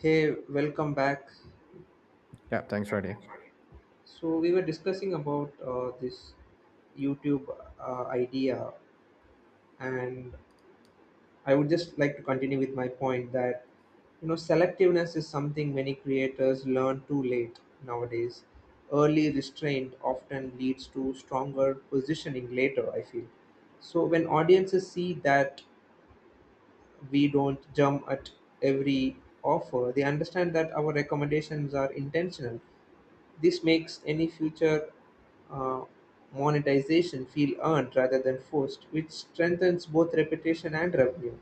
Hey, welcome back. Yeah, thanks, Radhi. So we were discussing about this YouTube idea, and I would just like to continue with my point that selectiveness is something many creators learn too late nowadays. Early restraint often leads to stronger positioning later. I feel. So when audiences see that we don't jump at every offer, they understand that our recommendations are intentional. This makes any future uh, monetization feel earned rather than forced, which strengthens both reputation and revenue.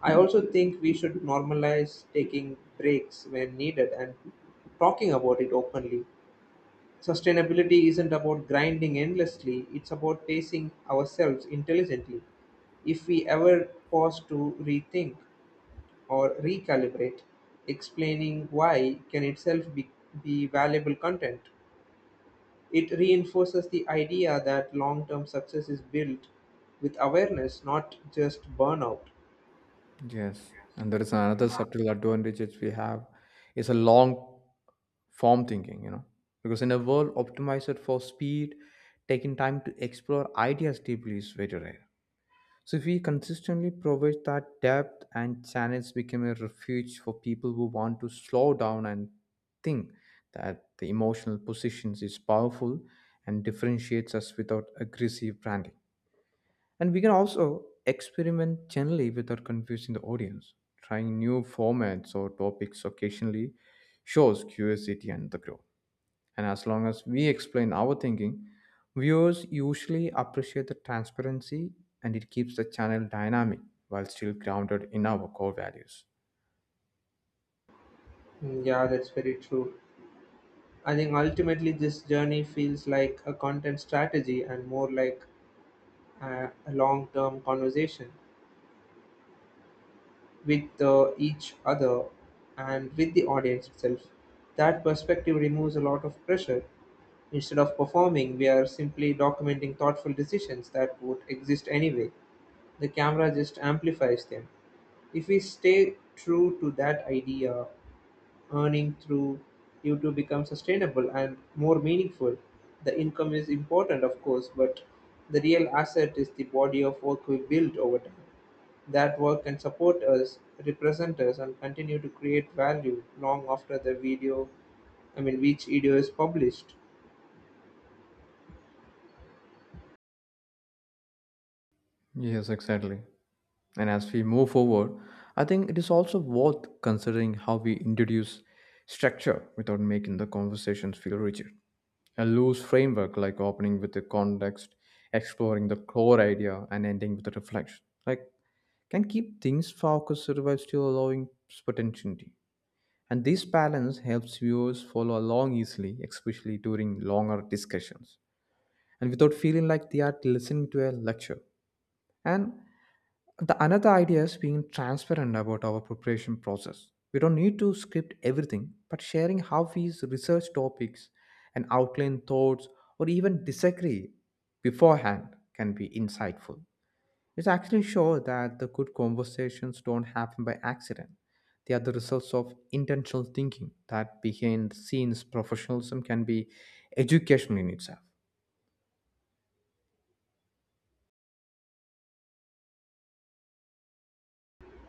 I also think we should normalize taking breaks when needed and talking about it openly. Sustainability isn't about grinding endlessly, it's about pacing ourselves intelligently. If we ever pause to rethink or recalibrate, explaining why can itself be valuable content. It reinforces the idea that long term success is built with awareness, not just burnout. Yes, and there is another subtle advantage which we have is a long form thinking, you know, because in a world optimized for speed, taking time to explore ideas deeply is very rare. So if we consistently provide that depth and channels become a refuge for people who want to slow down and think that the emotional positions is powerful and differentiates us without aggressive branding. And we can also experiment generally without confusing the audience. Trying new formats or topics occasionally shows curiosity and the growth. And as long as we explain our thinking, viewers usually appreciate the transparency and it keeps the channel dynamic while still grounded in our core values. Mm, yeah, that's very true. I think ultimately this journey feels like a content strategy and more like a long term conversation with each other and with the audience itself. That perspective removes a lot of pressure. Instead of performing, we are simply documenting thoughtful decisions that would exist anyway. The camera just amplifies them. If we stay true to that idea, earning through you to become sustainable and more meaningful. The income is important, of course, but the real asset is the body of work we build over time. That work can support us, represent us, and continue to create value long after the video, I mean, which video is published. Yes, exactly. And as we move forward, I think it is also worth considering how we introduce structure without making the conversations feel rigid. A loose framework, like opening with the context, exploring the core idea, and ending with a reflection, like, can keep things focused while still allowing spontaneity. And this balance helps viewers follow along easily, especially during longer discussions, and without feeling like they are listening to a lecture. And the another idea is being transparent about our preparation process. We don't need to script everything, but sharing how we research topics and outline thoughts or even disagree beforehand can be insightful. It actually shows that the good conversations don't happen by accident. They are the results of intentional thinking that behind the scenes professionalism can be educational in itself.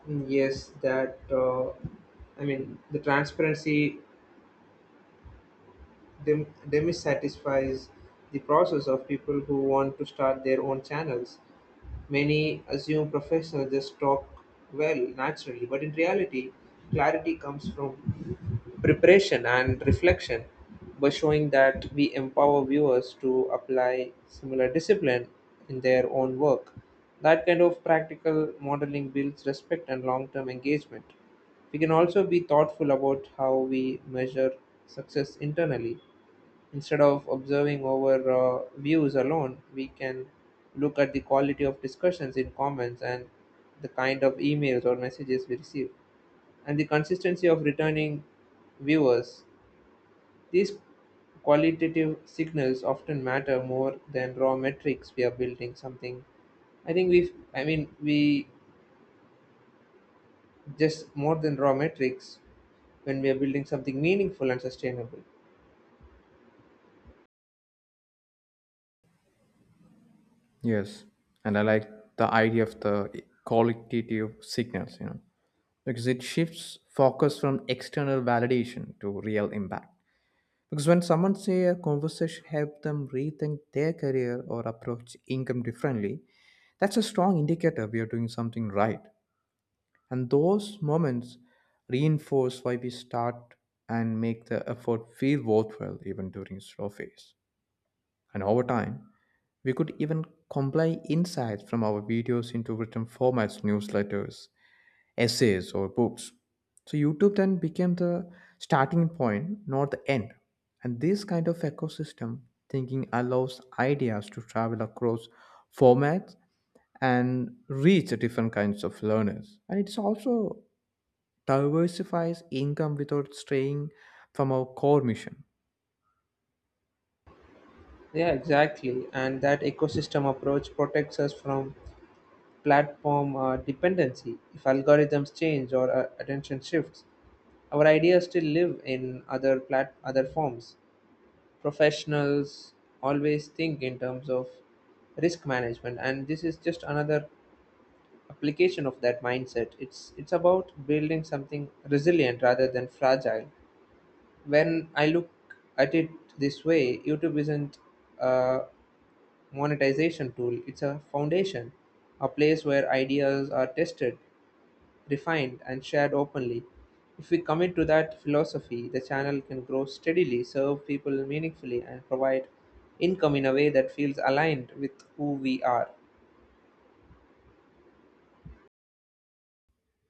Mm, yes, that, I mean, the transparency demisatisfies the process of people who want to start their own channels. Many assume professionals just talk well naturally, but in reality, clarity comes from preparation and reflection. By showing that we empower viewers to apply similar discipline in their own work, that kind of practical modeling builds respect and long term engagement. We can also be thoughtful about how we measure success internally. Instead of observing over views alone, we can look at the quality of discussions in comments and the kind of emails or messages we receive and the consistency of returning viewers. These qualitative signals often matter more than raw metrics we are building something. I think I mean, we just more than raw metrics when we are building something meaningful and sustainable. Yes, and I like the idea of the qualitative signals, you know, because it shifts focus from external validation to real impact. Because when someone say a conversation helped them rethink their career or approach income differently, that's a strong indicator we are doing something right. And those moments reinforce why we start and make the effort feel worthwhile even during slow phase. And over time we could even compile insights from our videos into written formats, newsletters, essays, or books. So YouTube then became the starting point, not the end. And this kind of ecosystem thinking allows ideas to travel across formats and reach different kinds of learners. And it's also diversifies income without straying from our core mission. Yeah, exactly. And that ecosystem approach protects us from platform dependency. If algorithms change or attention shifts, our ideas still live in other other forms. Professionals always think in terms of risk management, and this is just another application of that mindset. It's about building something resilient rather than fragile. When I look at it this way, YouTube isn't a monetization tool; it's a foundation, a place where ideas are tested, refined, and shared openly. If we commit to that philosophy, the channel can grow steadily, serve people meaningfully, and provide income in a way that feels aligned with who we are.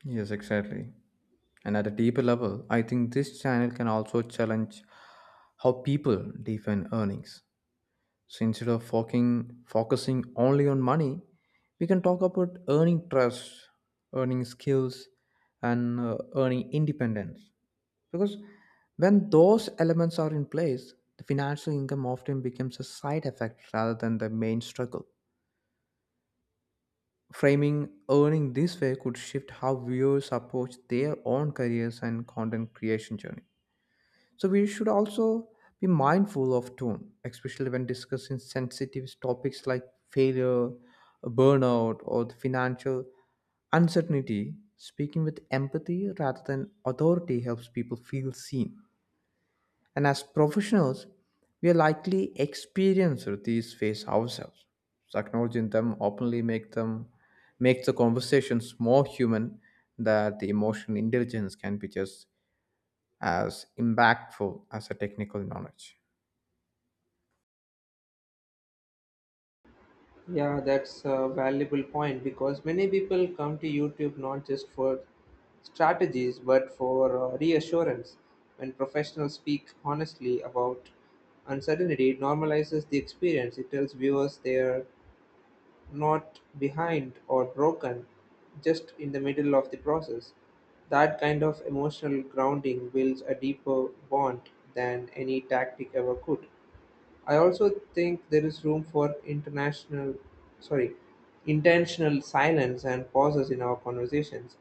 Yes, exactly. And at a deeper level, I think this channel can also challenge how people define earnings. So instead of focusing, focusing only on money, we can talk about earning trust, earning skills, and earning independence. Because when those elements are in place, the financial income often becomes a side effect rather than the main struggle. Framing earning this way could shift how viewers approach their own careers and content creation journey. So we should also be mindful of tone, especially when discussing sensitive topics like failure, burnout, or the financial uncertainty. Speaking with empathy rather than authority helps people feel seen. And as professionals, we are likely experienced these phases ourselves. So acknowledging them openly makes the conversations more human that the emotional intelligence can be just as impactful as a technical knowledge. Yeah, that's a valuable point because many people come to YouTube not just for strategies but for reassurance. When professionals speak honestly about uncertainty, it normalizes the experience. It tells viewers their not behind or broken, just in the middle of the process. That kind of emotional grounding builds a deeper bond than any tactic ever could. I also think there is room for sorry, intentional silence and pauses in our conversations.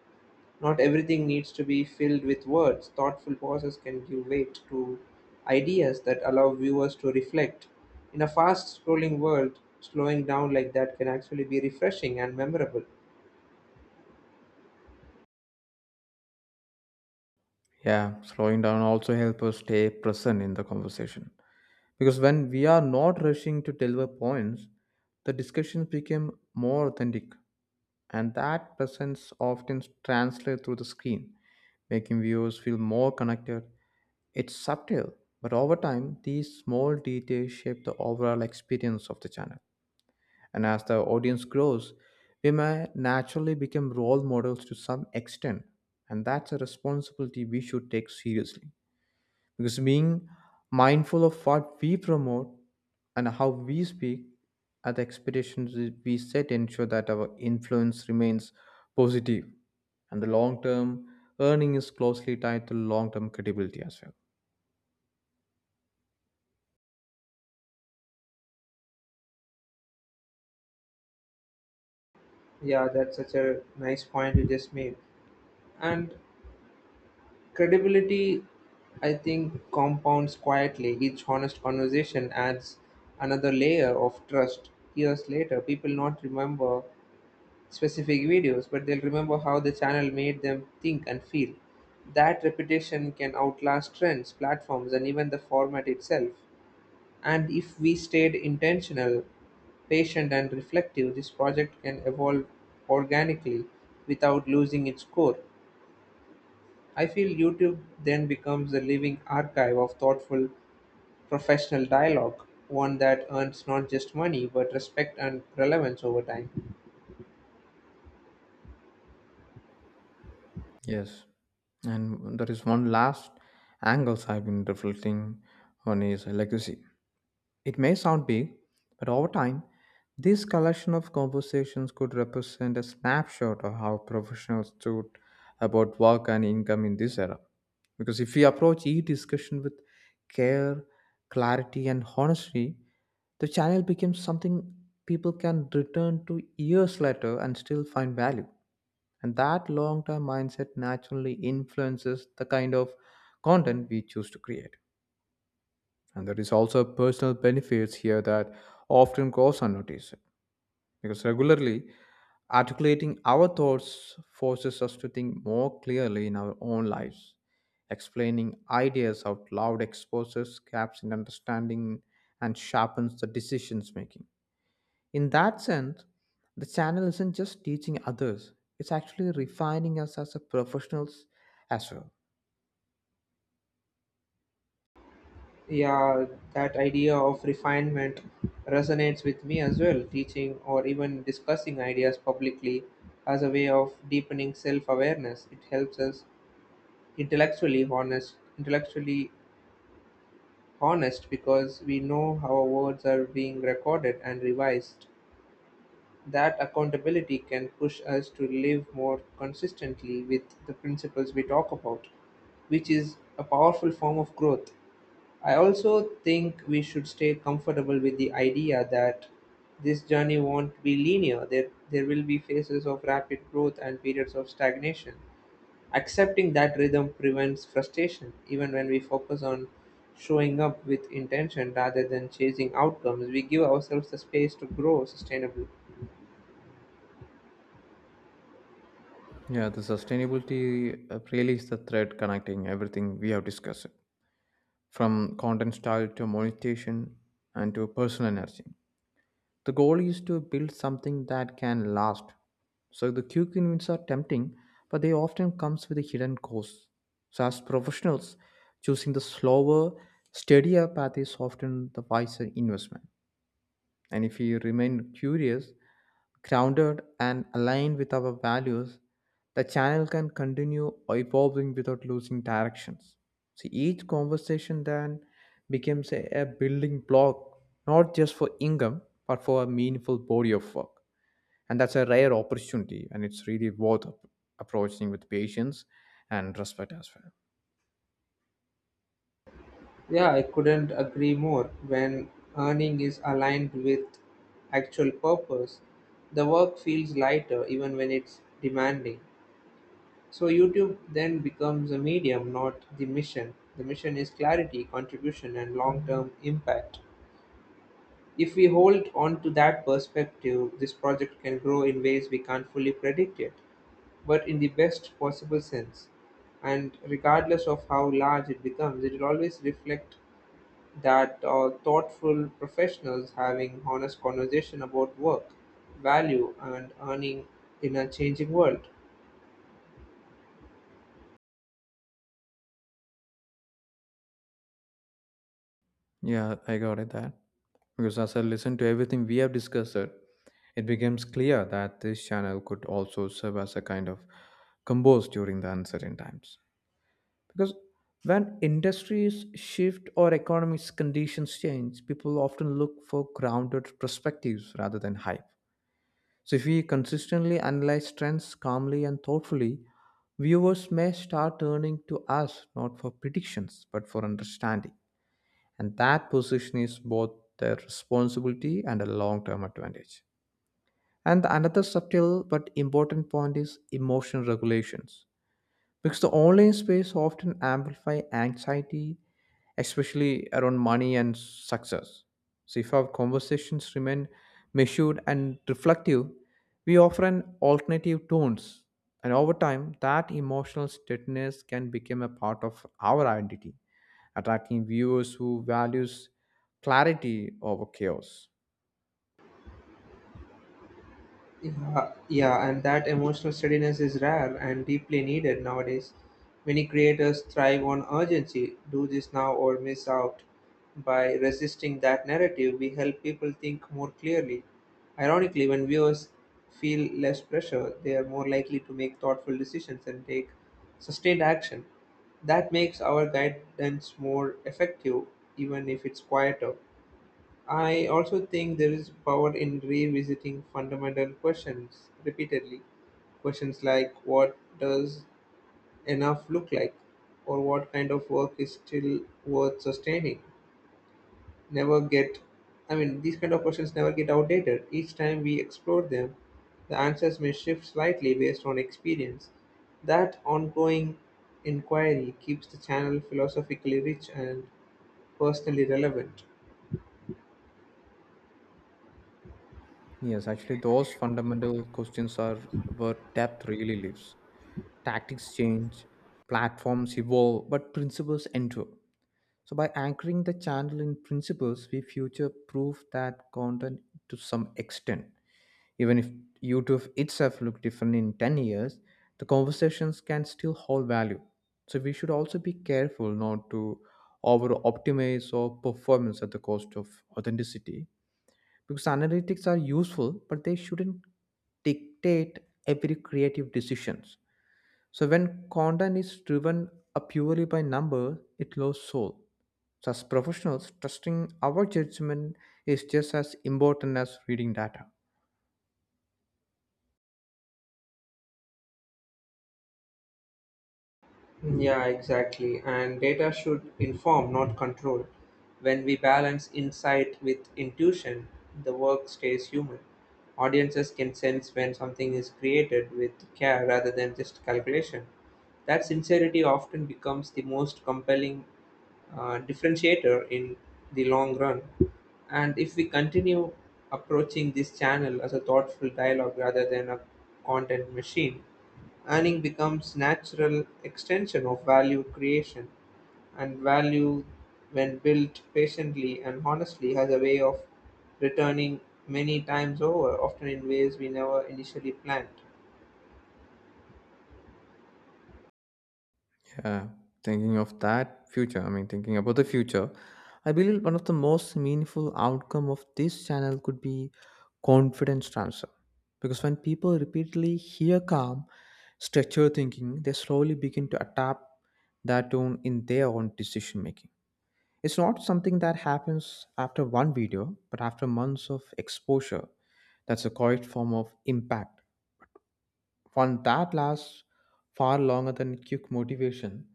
Not everything needs to be filled with words. Thoughtful pauses can give weight to ideas that allow viewers to reflect. In a fast scrolling world, slowing down like that can actually be refreshing and memorable. Yeah, slowing down also helps us stay present in the conversation. Because when we are not rushing to deliver points, the discussions become more authentic, and that presence often translates through the screen, making viewers feel more connected. It's subtle, but over time, these small details shape the overall experience of the channel. And as the audience grows, we may naturally become role models to some extent. And that's a responsibility we should take seriously. Because being mindful of what we promote and how we speak at the expectations we set ensure that our influence remains positive and the long term earning is closely tied to long term credibility as well. Yeah, that's such a nice point you just made. And credibility, I think, compounds quietly. Each honest conversation adds another layer of trust. Years later, people not remember specific videos, but they'll remember how the channel made them think and feel. That reputation can outlast trends, platforms, and even the format itself. And if we stayed intentional, patient, and reflective, this project can evolve organically without losing its core. I feel YouTube then becomes a living archive of thoughtful, professional dialogue, one that earns not just money but respect and relevance over time. Yes. And there is one last angles I've been reflecting on is legacy. It may sound big, but over time, this collection of conversations could represent a snapshot of how professionals thought about work and income in this era. Because if we approach each discussion with care, clarity, and honesty, the channel becomes something people can return to years later and still find value. And that long term mindset naturally influences the kind of content we choose to create. And there is also personal benefits here that often goes unnoticed because regularly articulating our thoughts forces us to think more clearly in our own lives. Explaining ideas out loud exposes gaps in understanding and sharpens the decisions making. In that sense, the channel isn't just teaching others, it's actually refining us as a professionals as well. Yeah, that idea of refinement resonates with me as well. Teaching or even discussing ideas publicly as a way of deepening self-awareness. It helps us intellectually honest because we know how our words are being recorded and revised. That accountability can push us to live more consistently with the principles we talk about, which is a powerful form of growth. I also think we should stay comfortable with the idea that this journey won't be linear. There will be phases of rapid growth and periods of stagnation. Accepting that rhythm prevents frustration, even when we focus on showing up with intention rather than chasing outcomes. We give ourselves the space to grow sustainably. Yeah, the sustainability really is the thread connecting everything we have discussed, from content style to monetization and to personal energy. The goal is to build something that can last. So the quick wins are tempting, but they often comes with a hidden cost. So as professionals, choosing the slower, steadier path is often the wiser investment. And if you remain curious, grounded, and aligned with our values, the channel can continue evolving without losing directions. So each conversation then becomes a building block, not just for income, but for a meaningful body of work. And that's a rare opportunity, and it's really worth approaching with patience and respect as well. Yeah, I couldn't agree more. When earning is aligned with actual purpose, the work feels lighter even when it's demanding. So, YouTube then becomes a medium, not the mission. The mission is clarity, contribution, and long term impact. If we hold on to that perspective, this project can grow in ways we can't fully predict yet, but in the best possible sense. And regardless of how large it becomes, it will always reflect that thoughtful professionals having honest conversation about work, value, and earning in a changing world. Yeah, I got it that. Because as I listened to everything we have discussed, it becomes clear that this channel could also serve as a kind of compass during the uncertain times. Because when industries shift or economic conditions change, people often look for grounded perspectives rather than hype. So if we consistently analyze trends calmly and thoughtfully, viewers may start turning to us not for predictions but for understanding, and that position is both a responsibility and a long-term advantage. And another subtle but important point is emotional regulations, because the online space often amplify anxiety, especially around money and success. So if our conversations remain measured and reflective, we offer an alternative tones, and over time that emotional steadiness can become a part of our identity, attracting viewers who values clarity over chaos. Yeah, yeah, and that emotional steadiness is rare and deeply needed nowadays. Many creators thrive on urgency, do this now or miss out. By resisting that narrative, we help people think more clearly. Ironically, when viewers feel less pressure, they are more likely to make thoughtful decisions and take sustained action. That makes our guidance more effective, even if it's quieter. I also think there is power in revisiting fundamental questions repeatedly. Questions like what does enough look like, or what kind of work is still worth sustaining, never get, I mean, these kind of questions never get outdated. Each time we explore them, the answers may shift slightly based on experience. That ongoing inquiry keeps the channel philosophically rich and personally relevant. Yes, actually, those fundamental questions are where depth really lives. Tactics change, platforms evolve, but principles endure. So, by anchoring the channel in principles, we future proof that content to some extent. Even if YouTube itself look different in 10 years, the conversations can still hold value. So we should also be careful not to over optimize or performance at the cost of authenticity, because analytics are useful, but they shouldn't dictate every creative decisions. So when content is driven up purely by numbers, it loses soul. So as professionals, trusting our judgment is just as important as reading data. Yeah, exactly. And data should inform, not control. When we balance insight with intuition, the work stays human. Audiences can sense when something is created with care rather than just calculation. That sincerity often becomes the most compelling differentiator in the long run. And if we continue approaching this channel as a thoughtful dialogue rather than a content machine, earning becomes natural extension of value creation, and value when built patiently and honestly has a way of returning many times over, often in ways we never initially planned. Uh, thinking of that future, I mean, thinking about the future, I believe one of the most meaningful outcome of this channel could be confidence transfer. Because when people repeatedly hear calm, structured thinking, they slowly begin to adapt that tone in their own decision making. It's not something that happens after one video, but after months of exposure. That's a quiet form of impact fun that lasts far longer than quick motivation.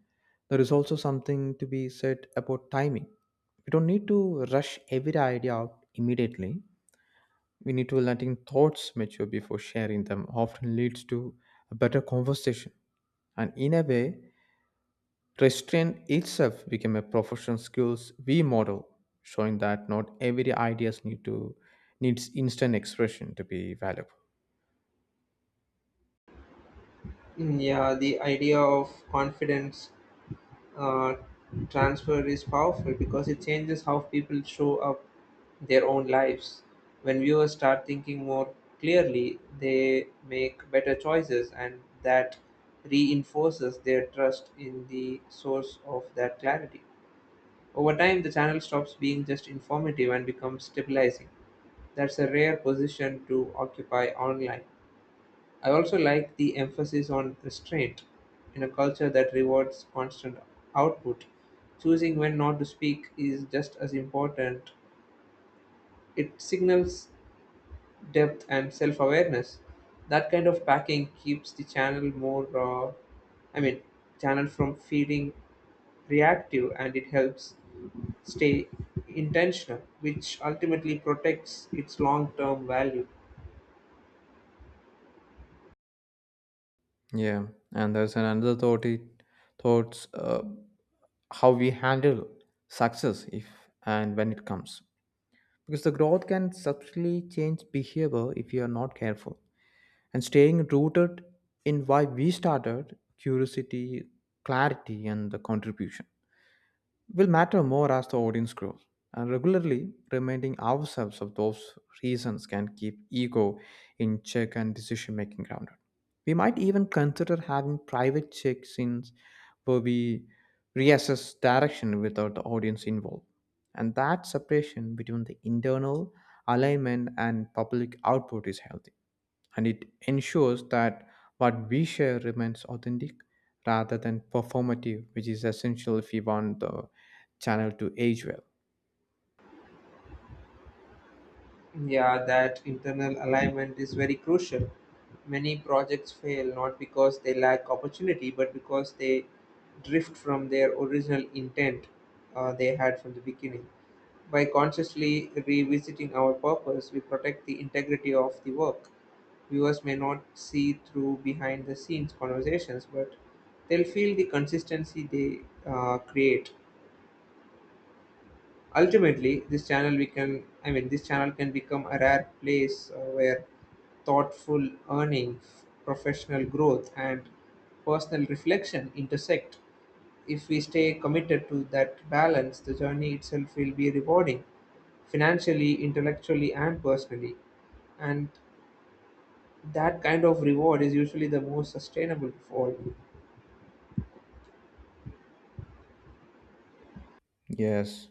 There is also something to be said about timing. We don't need to rush every idea out immediately. We need to letting thoughts mature before sharing them often leads to a better conversation. And in a way, restraint itself became a professional skills we model, showing that not every ideas needs instant expression to be valuable. Mm, yeah, the idea of confidence uh, transfer is powerful because it changes how people show up their own lives. When viewers start thinking more clearly, they make better choices, and that reinforces their trust in the source of that clarity. Over time, the channel stops being just informative and becomes stabilizing. That's a rare position to occupy online. I also like the emphasis on restraint. In a culture that rewards constant output, choosing when not to speak is just as important. It signals depth and self awareness. That kind of packing keeps the channel more, I mean, channel from feeling reactive and it helps stay intentional, which ultimately protects its long term value. Yeah, and there's an another thought it thoughts how we handle success if and when it comes, because the growth can subtly change behavior if you are not careful, and staying rooted in why we started curiosity, clarity, and the contribution will matter more as the audience grows. And regularly reminding ourselves of those reasons can keep ego in check and decision making grounded. We might even consider having private check ins where we reassess direction without the audience involved. And that separation between the internal alignment and public output is healthy and it ensures that what we share remains authentic rather than performative, which is essential if we want the channel to age well. Yeah, that internal alignment is very crucial. Many projects fail not because they lack opportunity, but because they drift from their original intent they had from the beginning. By consciously revisiting our purpose, we protect the integrity of the work. Viewers may not see through behind the scenes conversations, but they'll feel the consistency they create. Ultimately, this channel we can, I mean, this channel can become a rare place where thoughtful earning, professional growth, and personal reflection intersect. If we stay committed to that balance, the journey itself will be rewarding financially, intellectually, and personally. And that kind of reward is usually the most sustainable reward. Yes,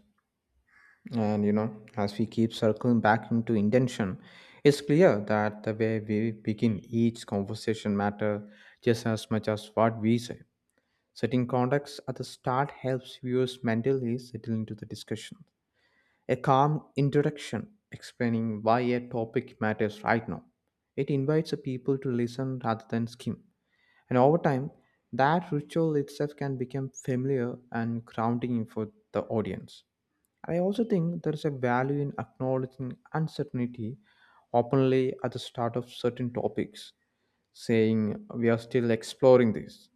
and you know, as we keep circling back into intention, it's clear that the way we begin each conversation matter just as much as what we say. Setting context at the start helps viewers mentally settle into the discussion. A calm introduction explaining why a topic matters right now. It invites the people to listen rather than skim. And over time, that ritual itself can become familiar and grounding for the audience. I also think there is a value in acknowledging uncertainty openly at the start of certain topics, saying we are still exploring this.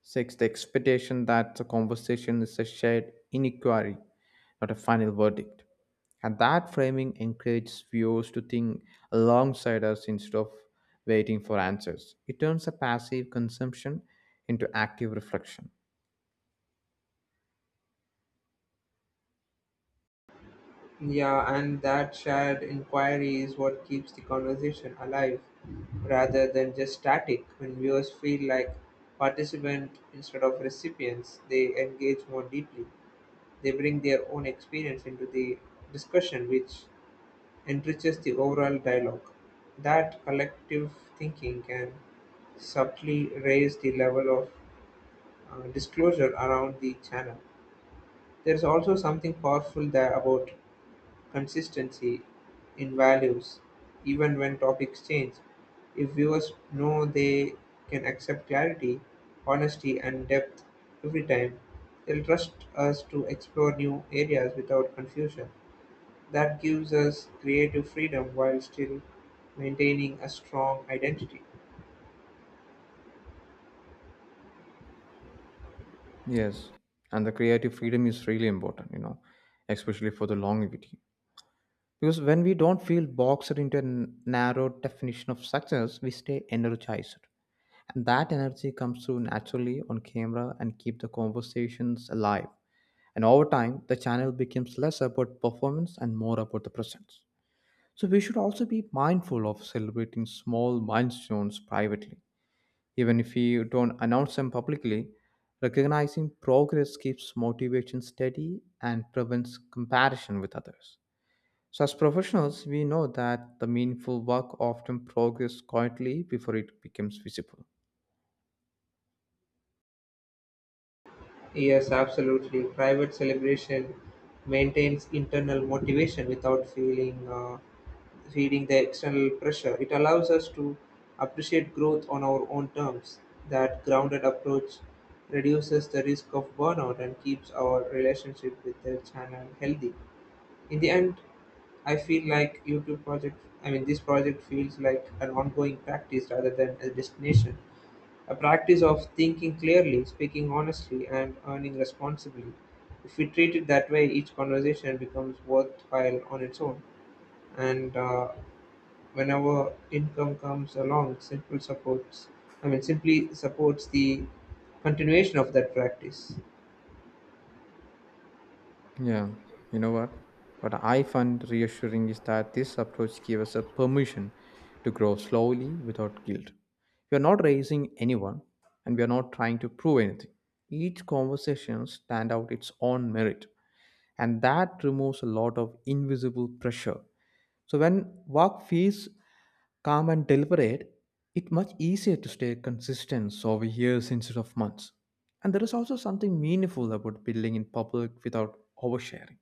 Six, the expectation that the conversation is a shared inequality not a final verdict. And that framing encourages viewers to think alongside us instead of waiting for answers. It turns a passive consumption into active reflection. Yeah, and that shared inquiry is what keeps the conversation alive rather than just static. When viewers feel like participants instead of recipients, they engage more deeply. They bring their own experience into the discussion, which enriches the overall dialogue. That collective thinking can subtly raise the level of disclosure around the channel. There's also something powerful there about consistency in values, even when topics change. If viewers know they can accept clarity, honesty, and depth every time, they'll trust us to explore new areas without confusion. That gives us creative freedom while still maintaining a strong identity. Yes, and the creative freedom is really important, you know, especially for the longevity. Because when we don't feel boxed into a narrow definition of success, we stay energized. And that energy comes through naturally on camera and keep the conversations alive. And over time, the channel becomes less about performance and more about the presence. So we should also be mindful of celebrating small milestones privately. Even if we don't announce them publicly, recognizing progress keeps motivation steady and prevents comparison with others. So, as professionals, we know that the meaningful work often progresses quietly before it becomes visible. Yes, absolutely. Private celebration maintains internal motivation without feeling. Feeding the external pressure. It allows us to appreciate growth on our own terms. That grounded approach reduces the risk of burnout and keeps our relationship with the channel healthy. In the end, I feel like I mean, this project feels like an ongoing practice rather than a destination. A practice of thinking clearly, speaking honestly, and earning responsibly. If we treat it that way, each conversation becomes worthwhile on its own. And whenever income comes along, simple supports. I mean, simply supports the continuation of that practice. Yeah, you know what? What I find reassuring is that this approach gives us a permission to grow slowly without guilt. We are not raising anyone and we are not trying to prove anything. Each conversation stands out its own merit and that removes a lot of invisible pressure. So when work feels calm and deliberate, it's much easier to stay consistent over years instead of months. And there is also something meaningful about building in public without oversharing.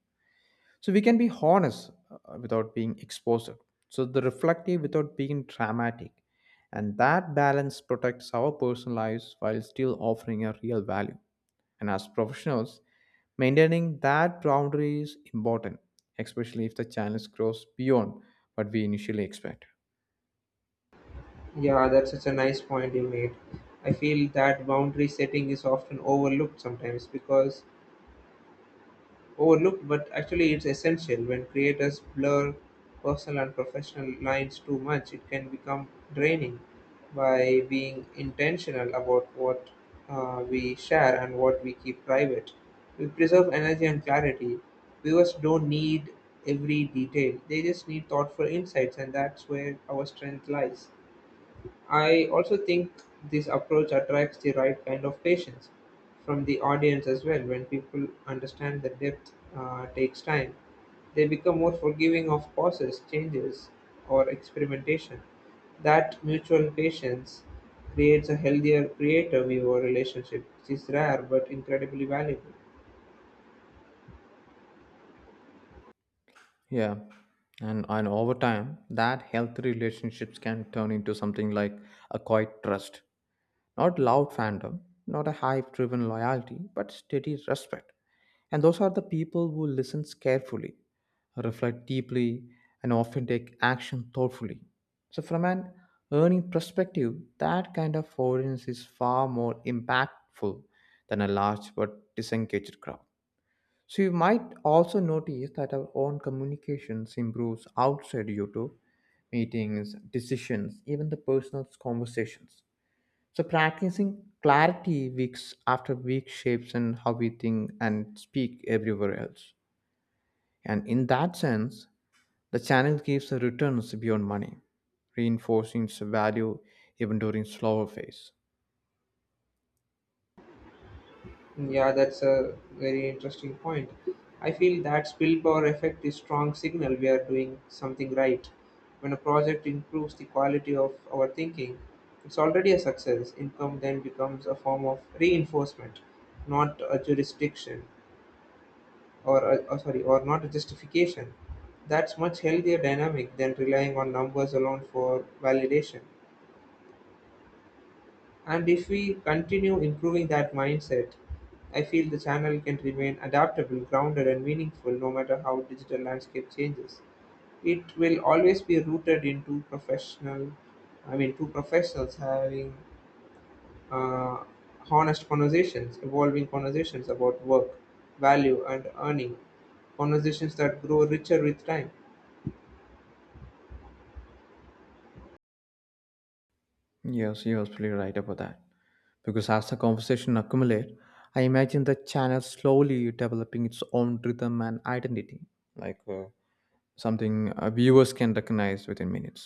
So we can be honest without being exposed. So the reflective without being dramatic. And that balance protects our personal lives while still offering a real value. And as professionals, maintaining that boundary is important, especially if the challenge grows beyond what we initially expect. Yeah, that's such a nice point you made. I feel that boundary setting is often overlooked sometimes because overlooked, but actually it's essential. When creators blur personal and professional lines too much, it can become draining. By being intentional about what we share and what we keep private, we preserve energy and clarity. Viewers don't need every detail, they just need thoughtful insights, and that's where our strength lies. I also think this approach attracts the right kind of patience from the audience as well. When people understand that depth takes time, they become more forgiving of pauses, changes, or experimentation. That mutual patience creates a healthier creator viewer relationship, which is rare but incredibly valuable. Yeah. And over time, that healthy relationships can turn into something like a quiet trust. Not loud fandom, not a hype driven loyalty, but steady respect. And those are the people who listens carefully, reflect deeply, and often take action thoughtfully. So, from an earning perspective, that kind of audience is far more impactful than a large but disengaged crowd. So, you might also notice that our own communications improves outside YouTube meetings, decisions, even the personal conversations. So practicing clarity weeks after week shapes and how we think and speak everywhere else. And in that sense, the channel gives the returns beyond money, reinforcing its value even during slower phase. Yeah, that's a very interesting point. I feel that spillpower effect is strong signal we are doing something right. When a project improves the quality of our thinking, it's already a success. Income then becomes a form of reinforcement, not a jurisdiction or, a, or sorry, or not a justification. That's much healthier dynamic than relying on numbers alone for validation. And if we continue improving that mindset, I feel the channel can remain adaptable, grounded, and meaningful no matter how digital landscape changes. It will always be rooted in I mean, two professionals having uh, honest conversations, evolving conversations about work, value, and earning, conversations that grow richer with time. Yes, you're absolutely right about that. Because as the conversation accumulate, I imagine the channel slowly developing its own rhythm and identity, like something viewers can recognize within minutes.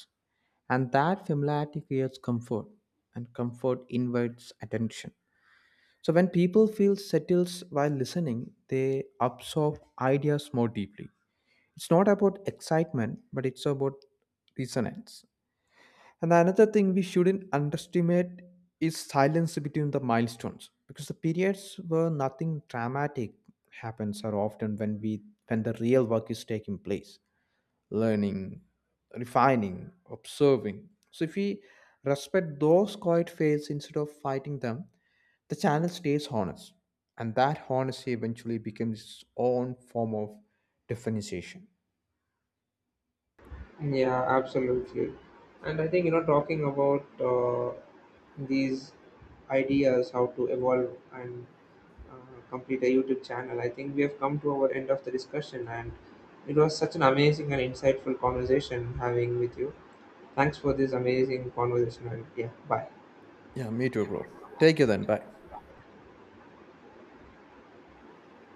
And that familiarity creates comfort, and comfort invites attention. So when people feel settled while listening, they absorb ideas more deeply. It's not about excitement, but it's about resonance. And another thing we shouldn't underestimate is silence between the milestones, because the periods where nothing dramatic happens are often when we when the real work is taking place: learning, refining, observing. So if we respect those quiet fails instead of fighting them, the channel stays honest. And that honesty eventually becomes its own form of differentiation. Yeah, absolutely. And I think, talking about these ideas, how to evolve and uh, complete a YouTube channel, I think we have come to our end of the discussion. And it was such an amazing and insightful conversation having with you. Thanks for this amazing conversation. And yeah, bye. Yeah, me too, bro. Take you then. Bye.